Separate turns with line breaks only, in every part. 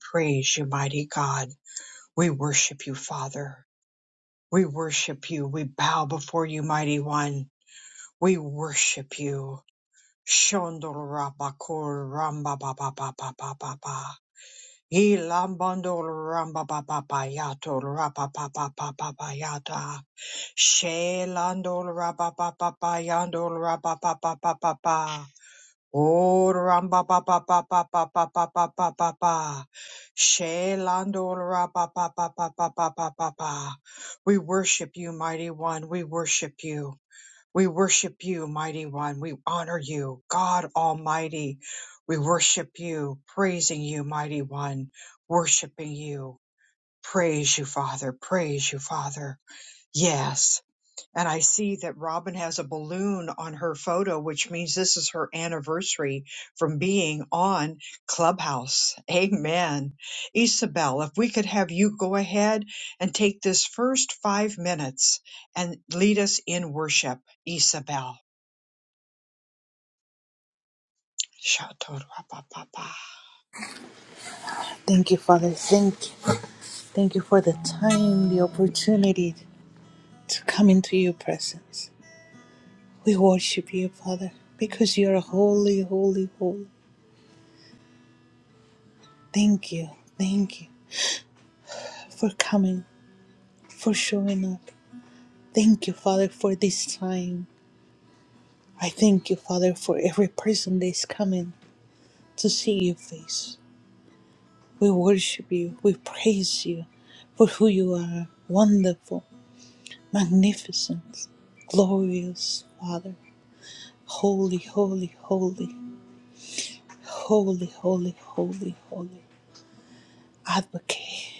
Praise you, mighty God. We worship you, Father. We worship you. We bow before you, mighty one. We worship you. Shondorabakor ramba ba ba ba ba ba ba ba. Ilambandor ramba ba ba ba yato rapa ba ba ba ba ba yata. Shelandor raba ba ba ba yandor raba ba ba ba ba ba. Oh, ram ba ba ba ba ba ba ba ba ba ba ba ba. She lando ra ba ba ba ba ba ba ba ba ba. We worship you, mighty one. We worship you. We worship you, mighty one. We honor you, God Almighty. We worship you, praising you, mighty one, worshiping you. Praise you, Father. Praise you, Father. Yes. And I see that Robin has a balloon on her photo, which means this is her anniversary from being on Clubhouse. Amen. Isabel, if we could have you go ahead and take this first five minutes and lead us in worship, Isabel. Shatorapapapa.
Thank you, Father. Thank you. Thank you for the time, the opportunity to come into your presence. We worship you, Father, because you are holy, holy, holy. Thank you. Thank you for coming, for showing up. Thank you, Father, for this time. I thank you, Father, for every person that is coming to see your face. We worship you. We praise you for who you are. Wonderful, magnificent, glorious, Father. Holy, holy, holy, holy, holy, holy, holy. Advocate,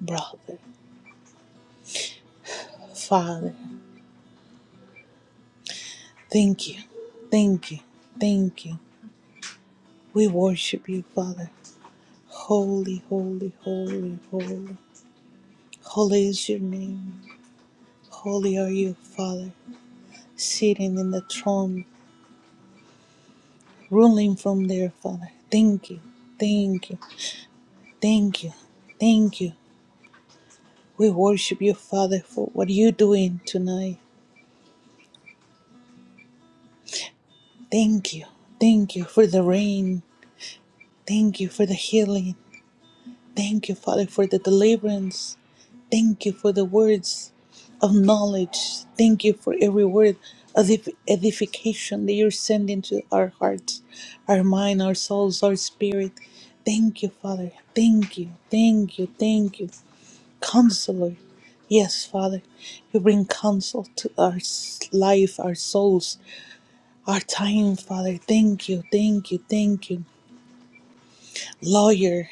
brother, father. Thank you, thank you, thank you. We worship you, Father. Holy, holy, holy, holy. Holy is your name. Holy are you, Father, sitting in the throne, ruling from there, Father. Thank you, thank you, thank you, thank you. We worship you, Father, for what you're doing tonight. Thank you. Thank you for the rain. Thank you for the healing. Thank you, Father, for the deliverance. Thank you for the words of knowledge. Thank you for every word of ed- edification that you're sending to our hearts, our mind, our souls, our spirit. Thank you, Father. Thank you. Thank you. Thank you. Counselor. Yes, Father, you bring counsel to our s- life, our souls, our time, Father. Thank you, thank you, thank you. Lawyer,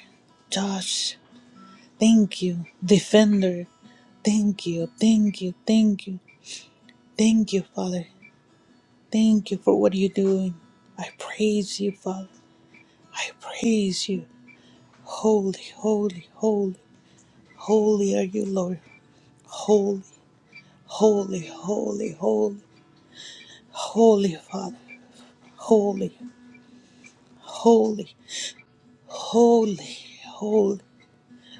Josh, thank you. Defender, thank you, thank you, thank you, thank you, Father. Thank you for what you're doing. I praise you, Father. I praise you. Holy, holy, holy, holy are you, Lord. Holy, holy, holy, holy, holy, Father. Holy, holy, holy, holy,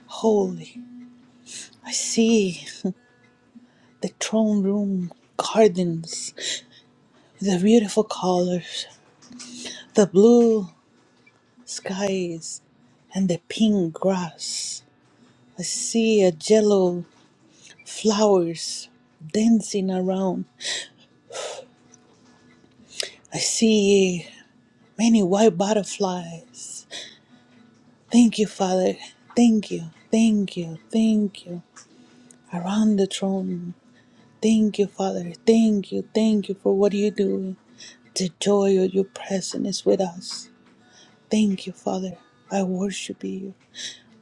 holy. I see the throne room gardens. the beautiful colors, the blue skies, and the pink grass. I see a yellow flowers dancing around. I see many white butterflies. Thank you, Father. Thank you, thank you, thank you. Around the throne. Thank you, Father. Thank you, thank you for what you do. The joy of your presence is with us. Thank you, Father. I worship you.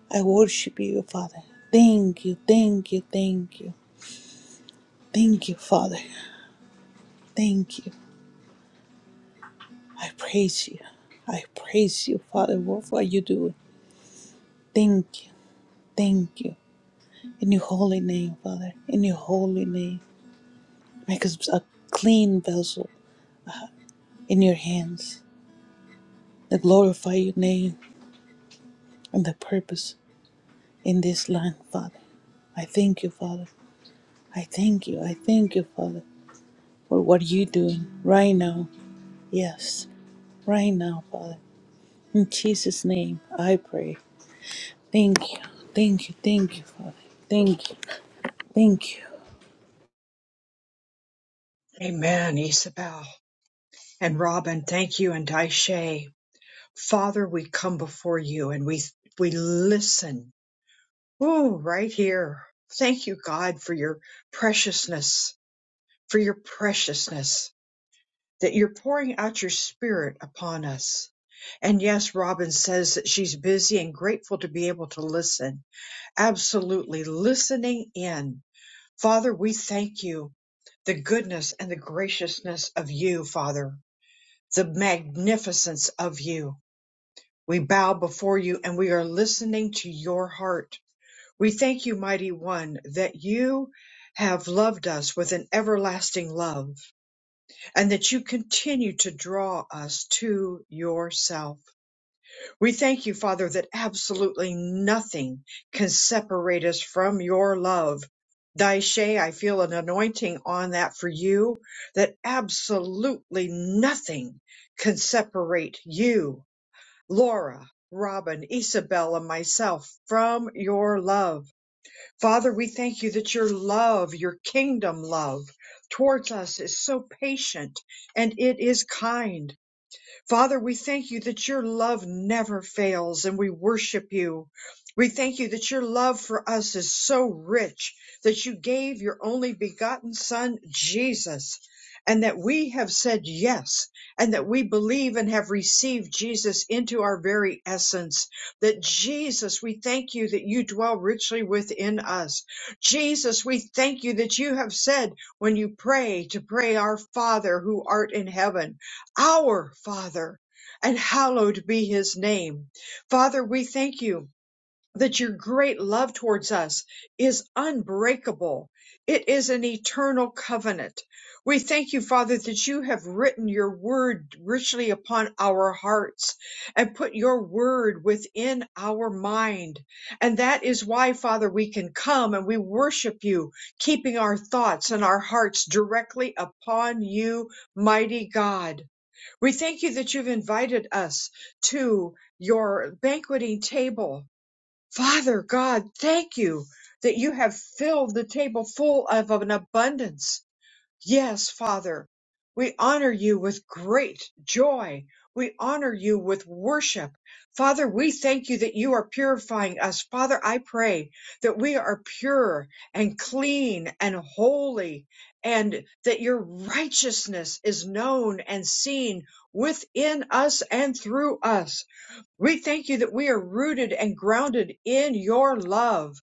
I worship you, Father. Thank you, thank you, thank you. Thank you, Father. Thank you. I praise you. I praise you, Father, for what you do. Thank you, thank you. In your holy name, Father, in your holy name, make us a clean vessel in your hands that glorify your name and the purpose in this land, Father. I thank you, Father. I thank you. I thank you, Father, for what you're doing right now. Yes, right now, Father. In Jesus' name, I pray. Thank you. Thank you. Thank you, Father. Thank you. Thank you.
Amen, Isabel. And Robin, thank you, and Daishe. Father, we come before you and we we listen Ooh, right here. Thank you, God, for your preciousness, for your preciousness, that you're pouring out your spirit upon us. And yes, Robin says that she's busy and grateful to be able to listen. Absolutely listening in. Father, we thank you. The goodness and the graciousness of you, Father, the magnificence of you. We bow before you and we are listening to your heart We thank you, mighty one, that you have loved us with an everlasting love and that you continue to draw us to yourself. We thank you, Father, that absolutely nothing can separate us from your love. Daishe, I feel an anointing on that for you, that absolutely nothing can separate you, Laura, Robin, Isabel, and myself from your love. Father, we thank you that your love, your kingdom love towards us is so patient and it is kind. Father, we thank you that your love never fails and we worship you. We thank you that your love for us is so rich that you gave your only begotten son, Jesus, and that we have said yes and that we believe and have received Jesus into our very essence. That Jesus, we thank you that you dwell richly within us. Jesus, we thank you that you have said when you pray to pray our Father who art in heaven our Father, and hallowed be his name. Father, we thank you that your great love towards us is unbreakable. It is an eternal covenant. We thank you, Father, that you have written your word richly upon our hearts and put your word within our mind. And that is why, Father, we can come and we worship you, keeping our thoughts and our hearts directly upon you, mighty God. We thank you that you've invited us to your banqueting table. Father God, thank you that you have filled the table full of an abundance. Yes, Father, we honor you with great joy. We honor you with worship. Father, we thank you that you are purifying us. Father, I pray that we are pure and clean and holy and that your righteousness is known and seen within us and through us. We thank you that we are rooted and grounded in your love.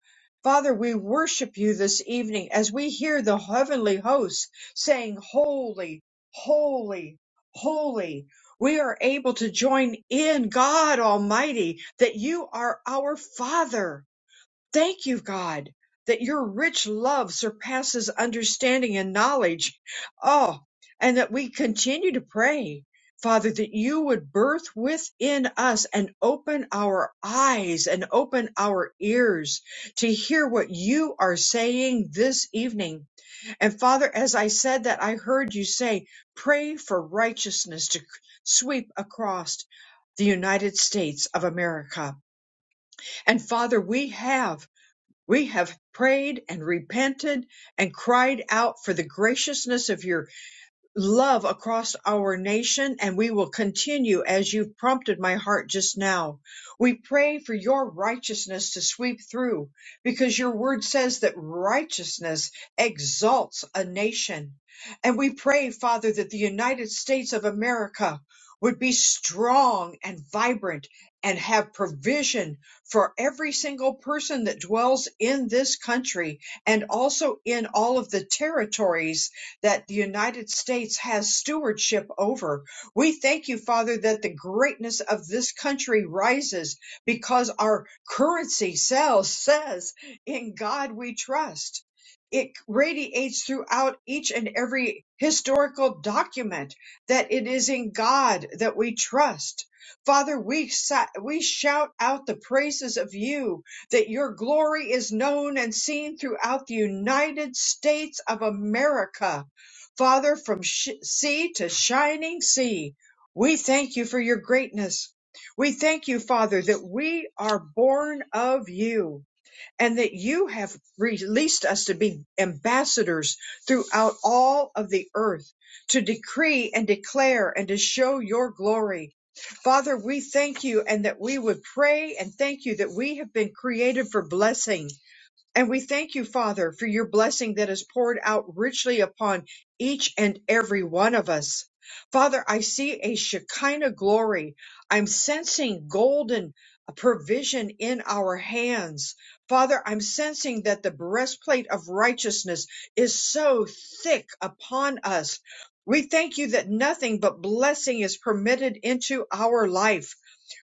Father, we worship you this evening as we hear the heavenly hosts saying, Holy, holy, holy. We are able to join in God Almighty that you are our Father. Thank you, God, that your rich love surpasses understanding and knowledge. Oh, and that we continue to pray, Father, that you would birth within us and open our eyes and open our ears to hear what you are saying this evening. And Father, as I said that, I heard you say, pray for righteousness to sweep across the United States of America. And Father, we have we have prayed and repented and cried out for the graciousness of your love across our nation, and we will continue as you've prompted my heart just now. We pray for your righteousness to sweep through because your word says that righteousness exalts a nation. And we pray, Father, that the United States of America would be strong and vibrant and have provision for every single person that dwells in this country and also in all of the territories that the United States has stewardship over. We thank you, Father, that the greatness of this country rises because our currency sells, says, in God we trust. It radiates throughout each and every historical document that it is in God that we trust. Father, we, sa- we shout out the praises of you that your glory is known and seen throughout the United States of America Father, from sh- sea to shining sea, we thank you for your greatness. We thank you, Father, that we are born of you and that you have released us to be ambassadors throughout all of the earth to decree and declare and to show your glory. Father, we thank you and that we would pray and thank you that we have been created for blessing and we thank you, Father, for your blessing that is poured out richly upon each and every one of us. Father, I see a Shekinah glory. I'm sensing golden provision in our hands. Father, I'm sensing that the breastplate of righteousness is so thick upon us. We thank you that nothing but blessing is permitted into our life.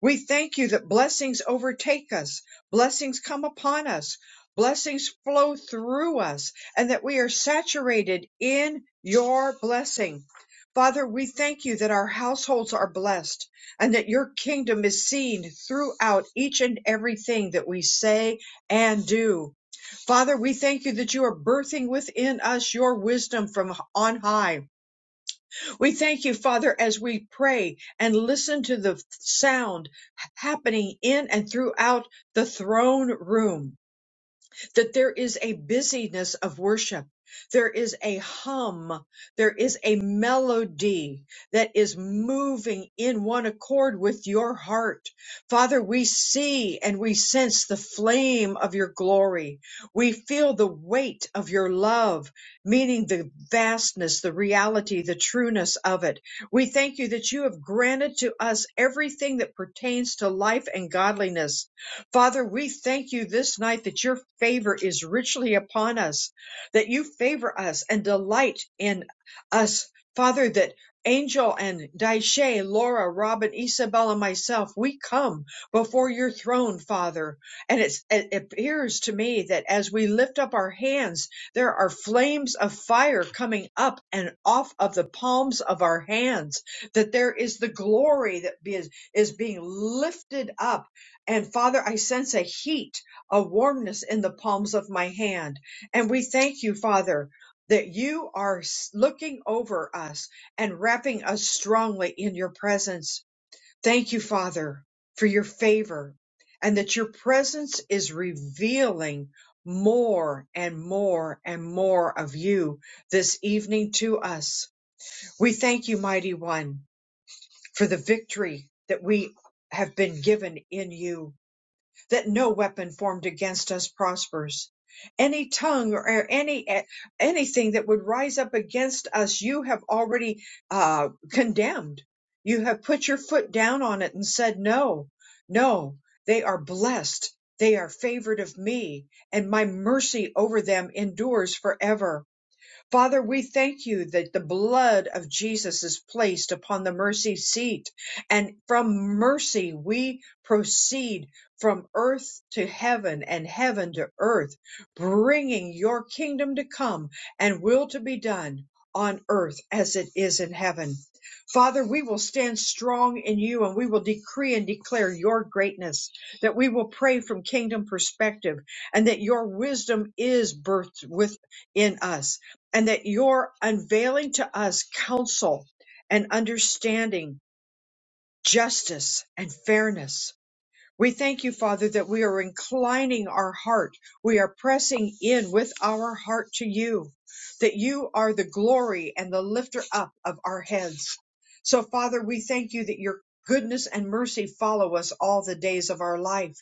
We thank you that blessings overtake us, blessings come upon us, blessings flow through us, and that we are saturated in your blessing. Father, we thank you that our households are blessed and that your kingdom is seen throughout each and everything that we say and do. Father, we thank you that you are birthing within us your wisdom from on high we thank you, Father, as we pray and listen to the sound happening in and throughout the throne room that there is a busyness of worship. There is a hum. There is a melody that is moving in one accord with your heart. Father, we see and we sense the flame of your glory. We feel the weight of your love, meaning the vastness, the reality, the trueness of it. We thank you that you have granted to us everything that pertains to life and godliness Father, we thank you this night that your favor is richly upon us, that you favor us and delight in us. Father, that Angel and Daishe, Laura, Robin, Isabel, and myself, we come before your throne, Father. And it's, it appears to me that as we lift up our hands, there are flames of fire coming up and off of the palms of our hands, that there is the glory that be- is being lifted up and Father, I sense a heat, a warmness in the palms of my hand. And we thank you, Father, that you are s- looking over us and wrapping us strongly in your presence. Thank you, Father, for your favor and that your presence is revealing more and more and more of you this evening to us. We thank you, mighty one, for the victory that we have been given in you that no weapon formed against us prospers. Any tongue or any anything that would rise up against us, you have already uh, condemned. You have put your foot down on it and said, "No, no, they are blessed. They are favored of me, and my mercy over them endures forever." Father, we thank you that the blood of Jesus is placed upon the mercy seat, and from mercy we proceed from earth to heaven and heaven to earth, bringing your kingdom to come and will to be done on earth as it is in heaven. Father, we will stand strong in you and we will decree and declare your greatness, that we will pray from kingdom perspective and that your wisdom is birthed within us and that you're unveiling to us counsel and understanding, justice and fairness. We thank you, Father, that we are inclining our heart. We are pressing in with our heart to you, that you are the glory and the lifter up of our heads. So, Father, we thank you that your goodness and mercy follow us all the days of our life,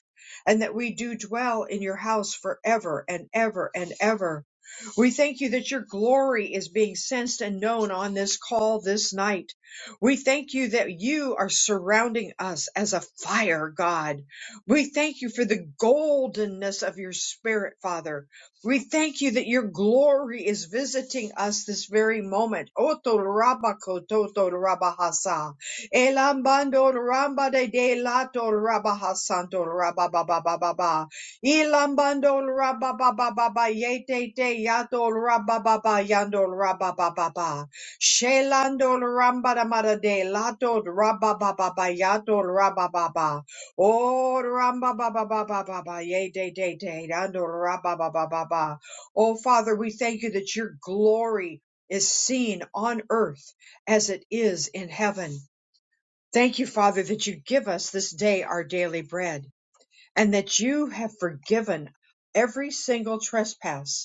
and that we do dwell in your house forever and ever and ever. We thank you that your glory is being sensed and known on this call this night. We thank you that you are surrounding us as a fire, God we thank you for the goldenness of your spirit, Father. We thank you that your glory is visiting us this very moment. Oto rabako toto rabahasa. Elambando ramba de de lato rabahasanto rabababababa. Ilambando rababababa yete te yato rabababa yando rababababa. Shelando ramba de lato rabababa yato rabababa. Oh, ramba ba ba ba ba ba ba, yay, day, day, day, dando ramba ba ba ba ba. Oh, Father, we thank you that your glory is seen on earth as it is in heaven. Thank you, Father, that you give us this day our daily bread and that you have forgiven every single trespass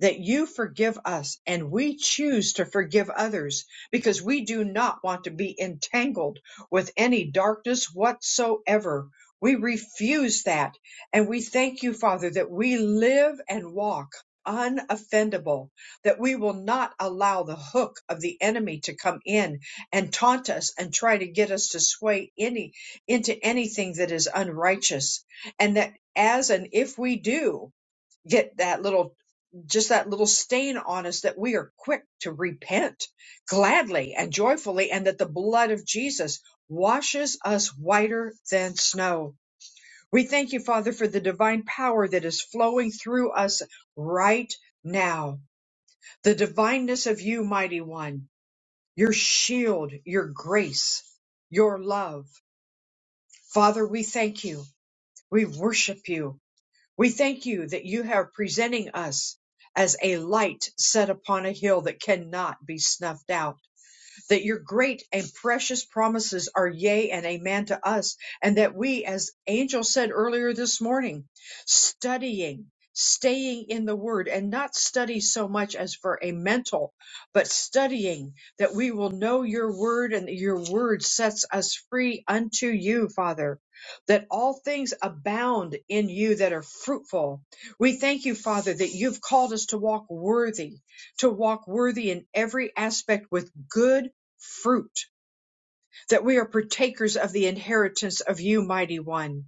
that you forgive us and we choose to forgive others because we do not want to be entangled with any darkness whatsoever. We refuse that. And we thank you, Father, that we live and walk unoffendable, that we will not allow the hook of the enemy to come in and taunt us and try to get us to sway any into anything that is unrighteous. And that as and if we do, get that little just that little stain on us that we are quick to repent gladly and joyfully and that the blood of Jesus washes us whiter than snow. We thank you, Father, for the divine power that is flowing through us right now. The divineness of you, mighty one, your shield, your grace, your love. Father, we thank you. We worship you. We thank you that you are presenting us as a light set upon a hill that cannot be snuffed out that your great and precious promises are yea and amen to us, and that we, as Angel said earlier this morning, studying, staying in the Word, and not study so much as for a mental, but studying that we will know your Word and that your Word sets us free unto you, Father. That all things abound in you that are fruitful. We thank you, Father, that you've called us to walk worthy, to walk worthy in every aspect with good fruit, that we are partakers of the inheritance of you, mighty one.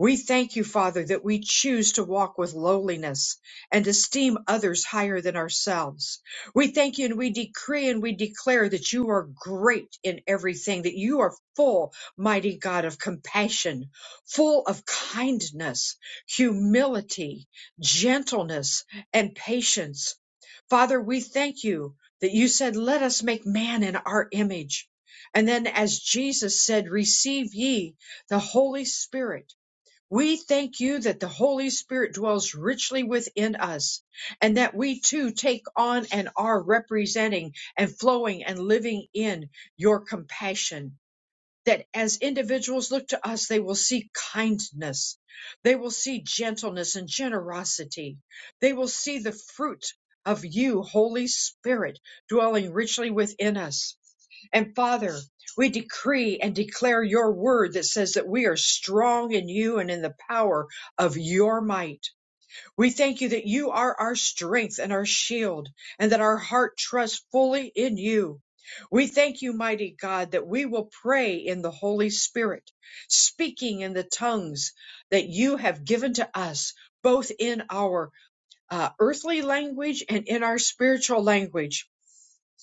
We thank you, Father, that we choose to walk with lowliness and esteem others higher than ourselves. We thank you and we decree and we declare that you are great in everything, that you are full, mighty God, of compassion, full of kindness, humility, gentleness, and patience. Father, we thank you that you said, Let us make man in our image. And then, as Jesus said, Receive ye the Holy Spirit. We thank you that the Holy Spirit dwells richly within us and that we too take on and are representing and flowing and living in your compassion that as individuals look to us, they will see kindness. They will see gentleness and generosity. They will see the fruit of you, Holy Spirit, dwelling richly within us. And Father, we decree and declare your word that says that we are strong in you and in the power of your might. We thank you that you are our strength and our shield, and that our heart trusts fully in you. We thank you, mighty God, that we will pray in the Holy Spirit, speaking in the tongues that you have given to us, both in our uh, earthly language and in our spiritual language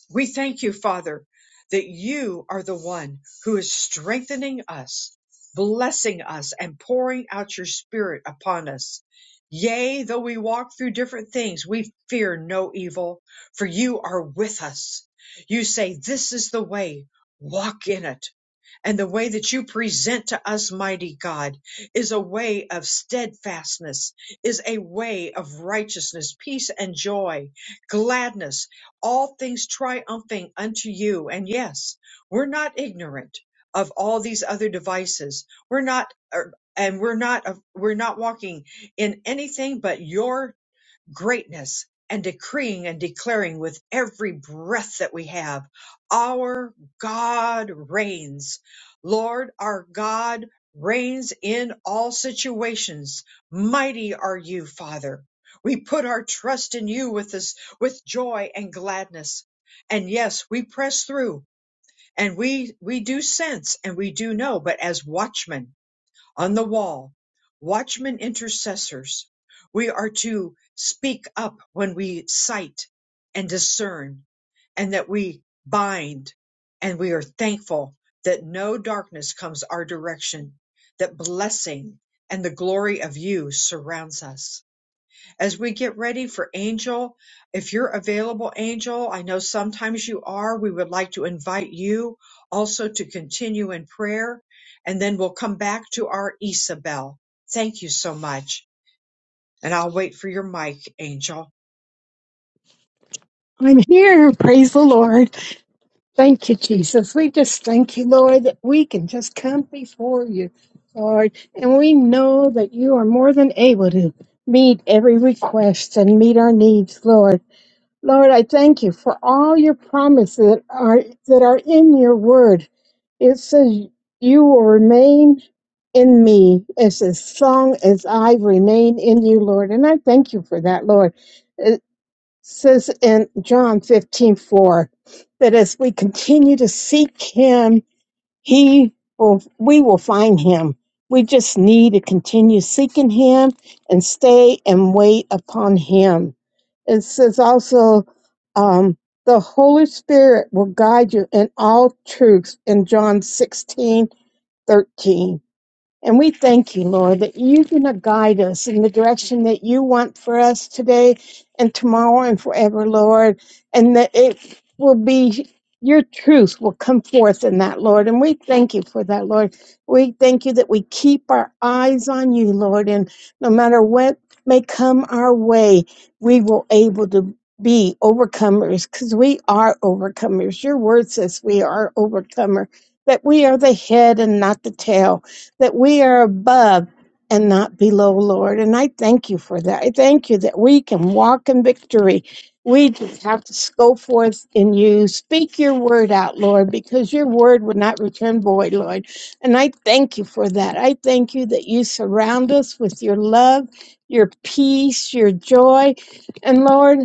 we thank you, Father, that you are the one who is strengthening us, blessing us, and pouring out your spirit upon us. Yea, though we walk through different things, we fear no evil, for you are with us. You say, This is the way, walk in it. And the way that you present to us, mighty God, is a way of steadfastness, is a way of righteousness, peace and joy, gladness, all things triumphing unto you. And yes, we're not ignorant of all these other devices. We're not, er, and we're not, we're not walking in anything but your greatness and decreeing and declaring with every breath that we have, our God reigns. Lord, our God reigns in all situations. Mighty are you, Father. We put our trust in you with this, with joy and gladness. And yes, we press through and we, we do sense and we do know, but as watchmen, on the wall, watchmen intercessors. We are to speak up when we sight and discern, and that we bind, and we are thankful that no darkness comes our direction, that blessing and the glory of you surrounds us as we get ready for Angel, if you're available, Angel, I know sometimes you are. We would like to invite you also to continue in prayer, and then we'll come back to our Isabel. Thank you so much. And I'll wait for your mic, Angel.
I'm here. Praise the Lord. Thank you, Jesus. We just thank you, Lord, that we can just come before you, Lord. And we know that you are more than able to meet every request and meet our needs, Lord. Lord, I thank you for all your promises that are, that are in your word. It says you will remain in me as as long as I remain in you, Lord. And I thank you for that, Lord Uh, says in John fifteen four that as we continue to seek him, he will, we will find him. We just need to continue seeking him and stay and wait upon him. It says also, um, the Holy Spirit will guide you in all truths in John sixteen thirteen. And we thank you, Lord, that you're going to guide us in the direction that you want for us today and tomorrow and forever, Lord, and that it will be your truth will come forth in that, Lord. And we thank you for that, Lord. We thank you that we keep our eyes on you, Lord, and no matter what may come our way, we will able to be overcomers because we are overcomers. Your word says we are overcomer, that we are the head and not the tail that we are above and not below, Lord. And I thank you for that. I thank you that we can walk in victory. We just have to go forth in you. Speak your word out, Lord, because your word would not return void, Lord. And I thank you for that. I thank you that you surround us with your love, your peace, your joy. And Lord,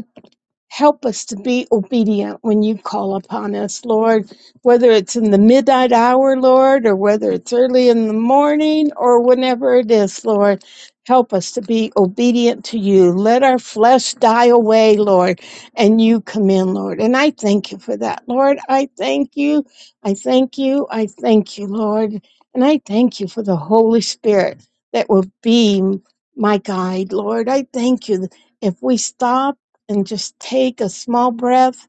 Help us to be obedient when you call upon us, Lord, whether it's in the midnight hour, Lord, or whether it's early in the morning or whenever it is, Lord. Help us to be obedient to you. Let our flesh die away, Lord, and you come in, Lord. And I thank you for that, Lord. I thank you. I thank you. I thank you, Lord. And I thank you for the Holy Spirit that will be my guide, Lord. I thank you if we stop and just take a small breath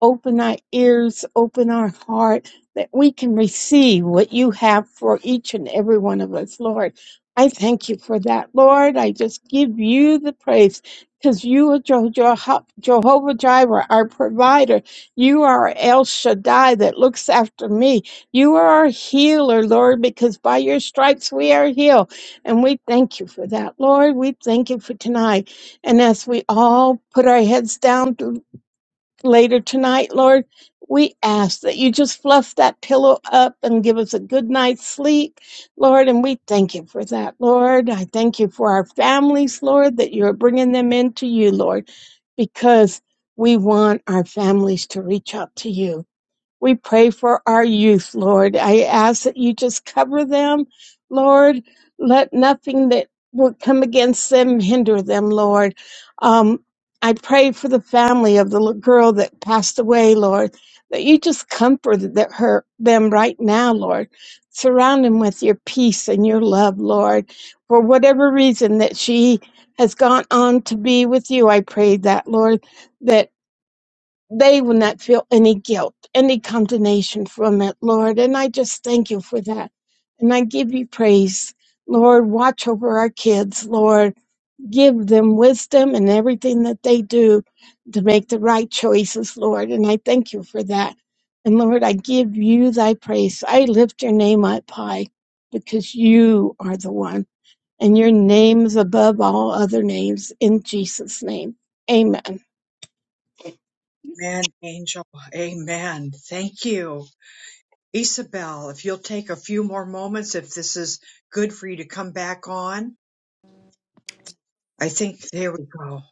open our ears, open our heart, that we can receive what you have for each and every one of us, Lord. I thank you for that, Lord. I just give you the praise because you are Jeho- Jeho- Jehovah Jireh, our provider. You are El Shaddai that looks after me. You are our healer, Lord, because by your stripes we are healed. And we thank you for that, Lord. We thank you for tonight. And as we all put our heads down, later tonight, Lord, we ask that you just fluff that pillow up and give us a good night's sleep, Lord. And we thank you for that, Lord. I thank you for our families, Lord, that you're bringing them into you, Lord, because we want our families to reach out to you. We pray for our youth, Lord. I ask that you just cover them, Lord. Let nothing that will come against them hinder them, Lord. Um, I pray for the family of the little girl that passed away, Lord, that you just comfort that her, them right now, Lord. Surround them with your peace and your love, Lord. For whatever reason that she has gone on to be with you, I pray that, Lord, that they will not feel any guilt, any condemnation from it, Lord. And I just thank you for that. And I give you praise. Lord, watch over our kids, Lord. Give them wisdom in everything that they do to make the right choices, Lord. And I thank you for that. And Lord, I give you thy praise. I lift your name up high because you are the one, and your name is above all other names in Jesus' name. Amen.
Amen, Angel. Amen. Thank you. Isabel, if you'll take a few more moments, if this is good for you to come back on. I think there we go.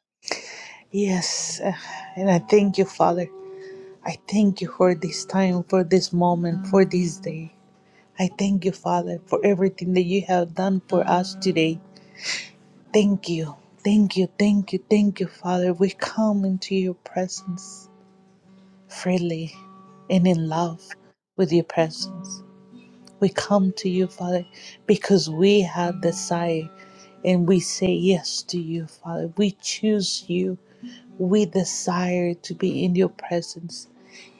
Yes. uh, And I thank you, Father. I thank you for this time, for this moment, for this day. I thank you, Father, for everything that you have done for us today. Thank you. Thank you. Thank you. Thank you, Father. We come into your presence freely and in love with your presence. We come to you, Father, because we have desire and we say yes to you, Father. We choose you. We desire to be in your presence.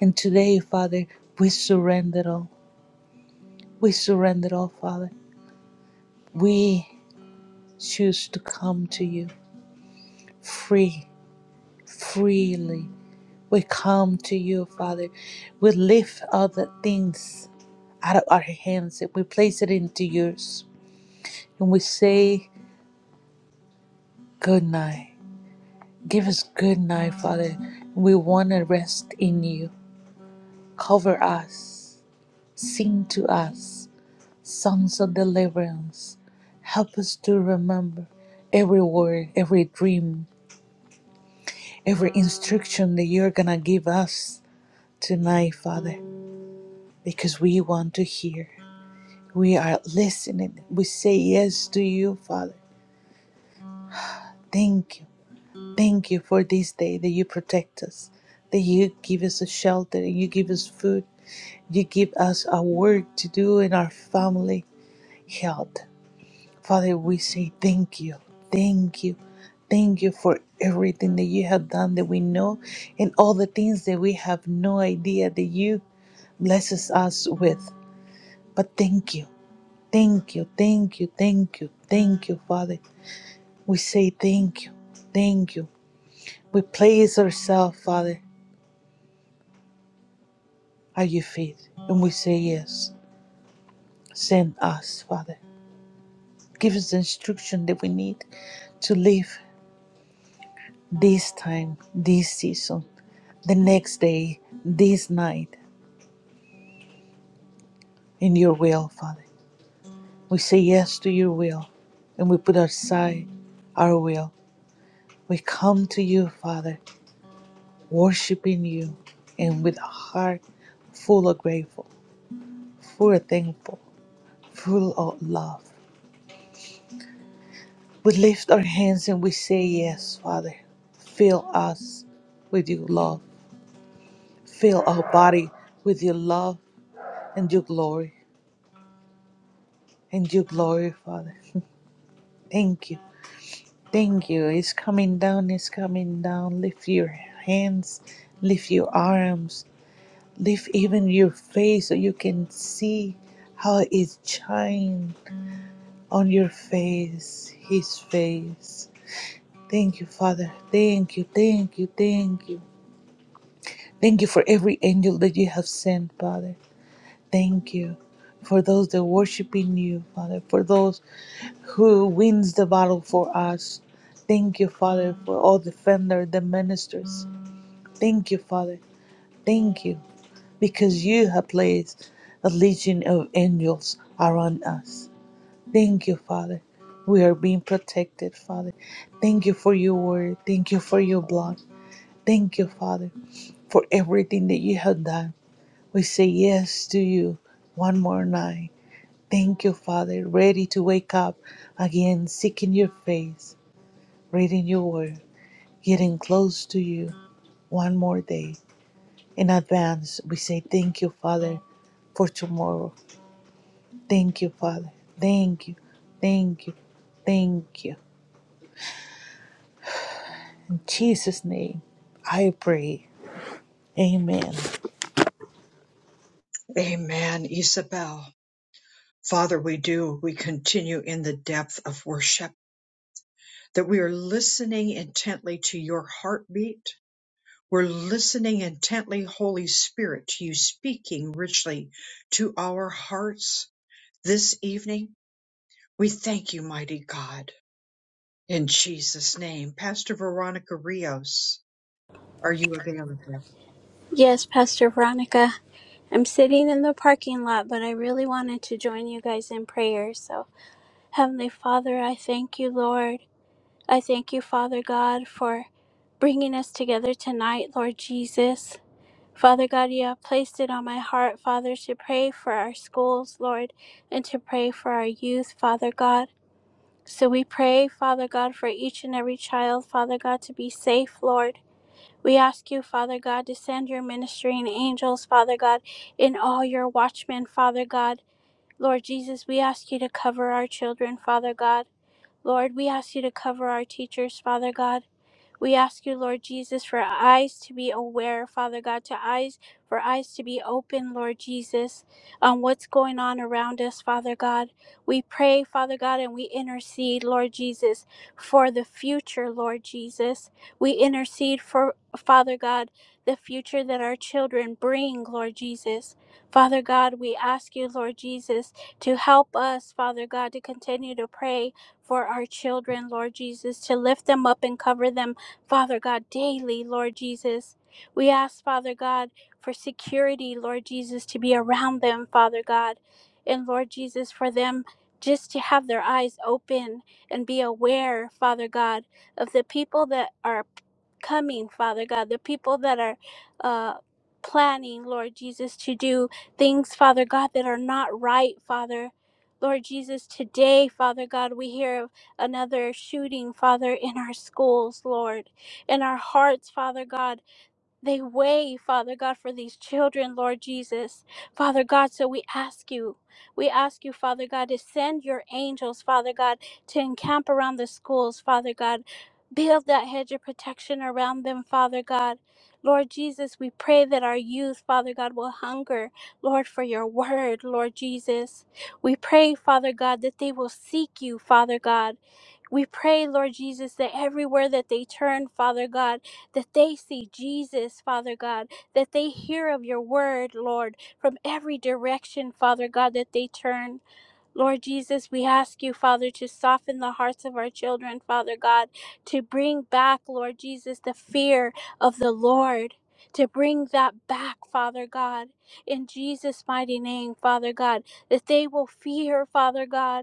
And today, Father, we surrender all. We surrender all, Father. We choose to come to you free, freely. We come to you, Father. We lift other things out of our hands and we place it into yours. And we say, Good night. Give us good night, Father. We want to rest in you. Cover us. Sing to us songs of deliverance. Help us to remember every word, every dream, every instruction that you're going to give us tonight, Father, because we want to hear. We are listening. We say yes to you, Father. Thank you. Thank you for this day that you protect us, that you give us a shelter, and you give us food You give us a work to do in our family health. Father, we say thank you. Thank you. Thank you for everything that you have done that we know and all the things that we have no idea that you blesses us with. But thank you. Thank you. Thank you. Thank you. Thank you, Father. We say thank you. Thank you. We place ourselves, Father, at your feet and we say yes. Send us, Father. Give us the instruction that we need to live this time, this season, the next day, this night in your will, Father. We say yes to your will and we put aside our will. We come to you, Father, worshiping you and with a heart full of grateful, full of thankful, full of love. We lift our hands and we say yes, Father. Fill us with your love Fill our body with your love and your glory and your glory, Father. Thank you. Thank you. It's coming down, it's coming down. Lift your hands, lift your arms, lift even your face so you can see how it shines on your face, His face. Thank you, Father. Thank you, thank you, thank you. Thank you for every angel that you have sent, Father. Thank you for those that worship in you, Father, for those who wins the battle for us. Thank you, Father, for all the defenders, the ministers. Thank you, Father. Thank you, because you have placed a legion of angels around us. Thank you, Father. We are being protected, Father. Thank you for your word. Thank you for your blood. Thank you, Father, for everything that you have done. We say yes to you one more night. Thank you, Father, ready to wake up again, seeking your face. reading your word, getting close to you one more day. In advance, we say thank you, Father, for tomorrow. Thank you, Father. Thank you. Thank you. Thank you. In Jesus' name, I pray. Amen.
Amen, Isabel. Father, we do. We continue in the depth of worship, that we are listening intently to your heartbeat. We're listening intently, Holy Spirit, to you speaking richly to our hearts this evening. We thank you, mighty God. In Jesus' name, Pastor Veronica Rios, are you available?
Yes, Pastor Veronica. I'm sitting in the parking lot, but I really wanted to join you guys in prayer. So, Heavenly Father, I thank you, Lord. I thank you, Father God, for bringing us together tonight, Lord Jesus. Father God, you have placed it on my heart, Father, to pray for our schools, Lord, and to pray for our youth, Father God. So we pray, Father God, for each and every child, Father God, to be safe, Lord. We ask you, Father God, to send your ministering angels, Father God, and all your watchmen, Father God. Lord Jesus, we ask you to cover our children, Father God. Lord, we ask you to cover our teachers, Father God. We ask you, Lord Jesus, for eyes to be aware, Father God, to eyes for eyes to be open, Lord Jesus, on what's going on around us, Father God. We pray, Father God, and we intercede, Lord Jesus, for the future, Lord Jesus. We intercede for Father God, the future that our children bring, Lord Jesus. Father God, we ask you, Lord Jesus, to help us, Father God, to continue to pray for our children, Lord Jesus, to lift them up and cover them Father God, daily, Lord Jesus. We ask, Father God, for security, Lord Jesus, to be around them, Father God. And Lord Jesus, for them just to have their eyes open and be aware, Father God, of the people that are coming, Father God, the people that are uh, planning, Lord Jesus, to do things, Father God, that are not right, Father. Lord Jesus, today, Father God, we hear of another shooting, Father, in our schools, Lord. In our hearts, Father God. They weigh, Father God, for these children, Lord Jesus. Father God, so we ask you, we ask you, Father God, to send your angels, Father God, to encamp around the schools, Father God. Build that hedge of protection around them, Father God. Lord Jesus, we pray that our youth, Father God, will hunger, Lord, for your word, Lord Jesus. We pray, Father God, that they will seek you, Father God. We pray, Lord Jesus, that everywhere that they turn, Father God, that they see Jesus, Father God, that they hear of your word, Lord, from every direction, Father God, that they turn. Lord Jesus, we ask you, Father, to soften the hearts of our children, Father God, to bring back, Lord Jesus, the fear of the Lord. To bring that back, Father God, in Jesus' mighty name, Father God, that they will fear, Father God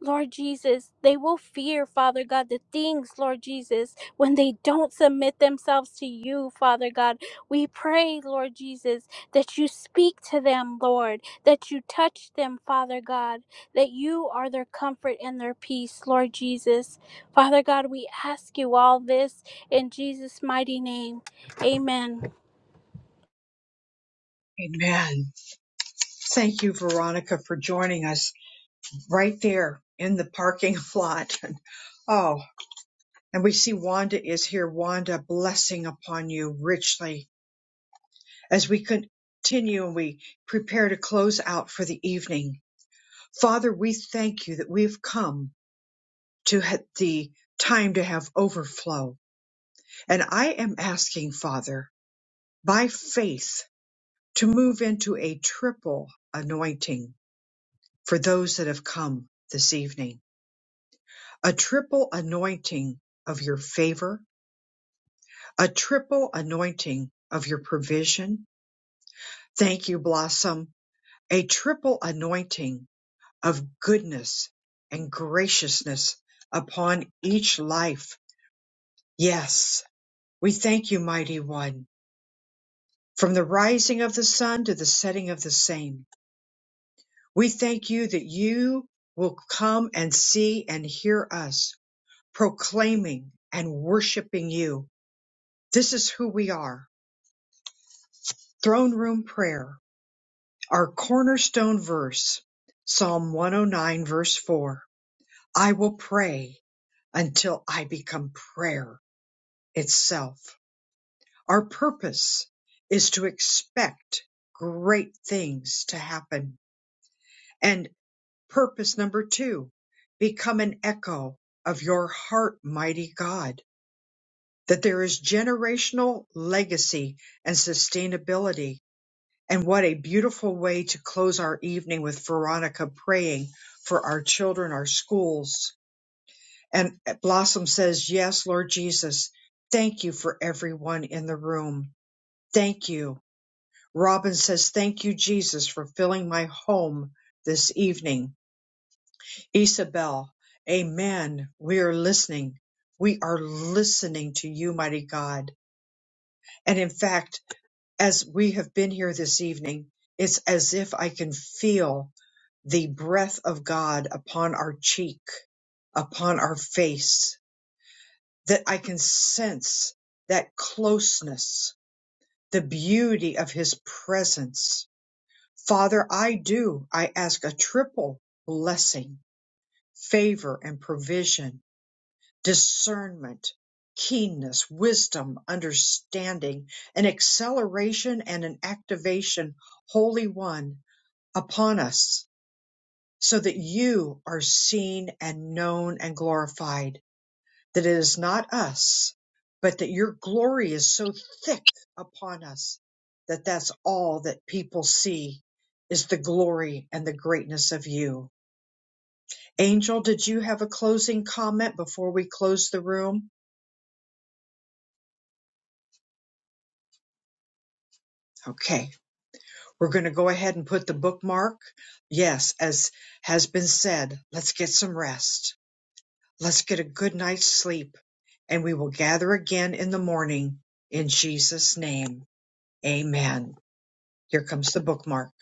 Lord Jesus, they will fear, Father God, the things, Lord Jesus, when they don't submit themselves to you, Father God. We pray, Lord Jesus, that you speak to them, Lord, that you touch them, Father God, that you are their comfort and their peace, Lord Jesus. Father God, we ask you all this in Jesus' mighty name. Amen.
Amen. Thank you, Veronica, for joining us right there in the parking lot. Oh. And we see Wanda is here. Wanda, blessing upon you richly as we continue and we prepare to close out for the evening. Father, we thank you that we've come to ha- the time to have overflow. And I am asking, Father, by faith, to move into a triple anointing for those that have come this evening, a triple anointing of your favor, a triple anointing of your provision, Thank you, Blossom. A triple anointing of goodness and graciousness upon each life. Yes, we thank you, mighty one, from the rising of the sun to the setting of the same. We thank you that you will come and see and hear us proclaiming and worshiping you. This is who we are. Throne room prayer, our cornerstone verse, Psalm 109 verse 4 I will pray until I become prayer itself. Our purpose is to expect great things to happen. And purpose number two, become an echo of your heart, mighty God, that there is generational legacy and sustainability. And what a beautiful way to close our evening with Veronica praying for our children, our schools, And Blossom says, Yes, Lord Jesus, thank you for everyone in the room. Thank you. Robin says, Thank you, Jesus, for filling my home this evening. Isabel, Amen. We are listening. We are listening to you, mighty God. And in fact, as we have been here this evening, it's as if I can feel the breath of God upon our cheek, upon our face that I can sense that closeness, the beauty of his presence. Father, I do. I ask a triple blessing, favor and provision, discernment, keenness, wisdom, understanding, an acceleration and an activation, Holy One, upon us so that you are seen and known and glorified. that it is not us, but that your glory is so thick upon us that that's all that people see is the glory and the greatness of you. Angel, did you have a closing comment before we close the room? Okay, we're going to go ahead and put the bookmark. Yes, as has been said, let's get some rest. Let's get a good night's sleep, and we will gather again in the morning. In Jesus' name, amen. Here comes the bookmark.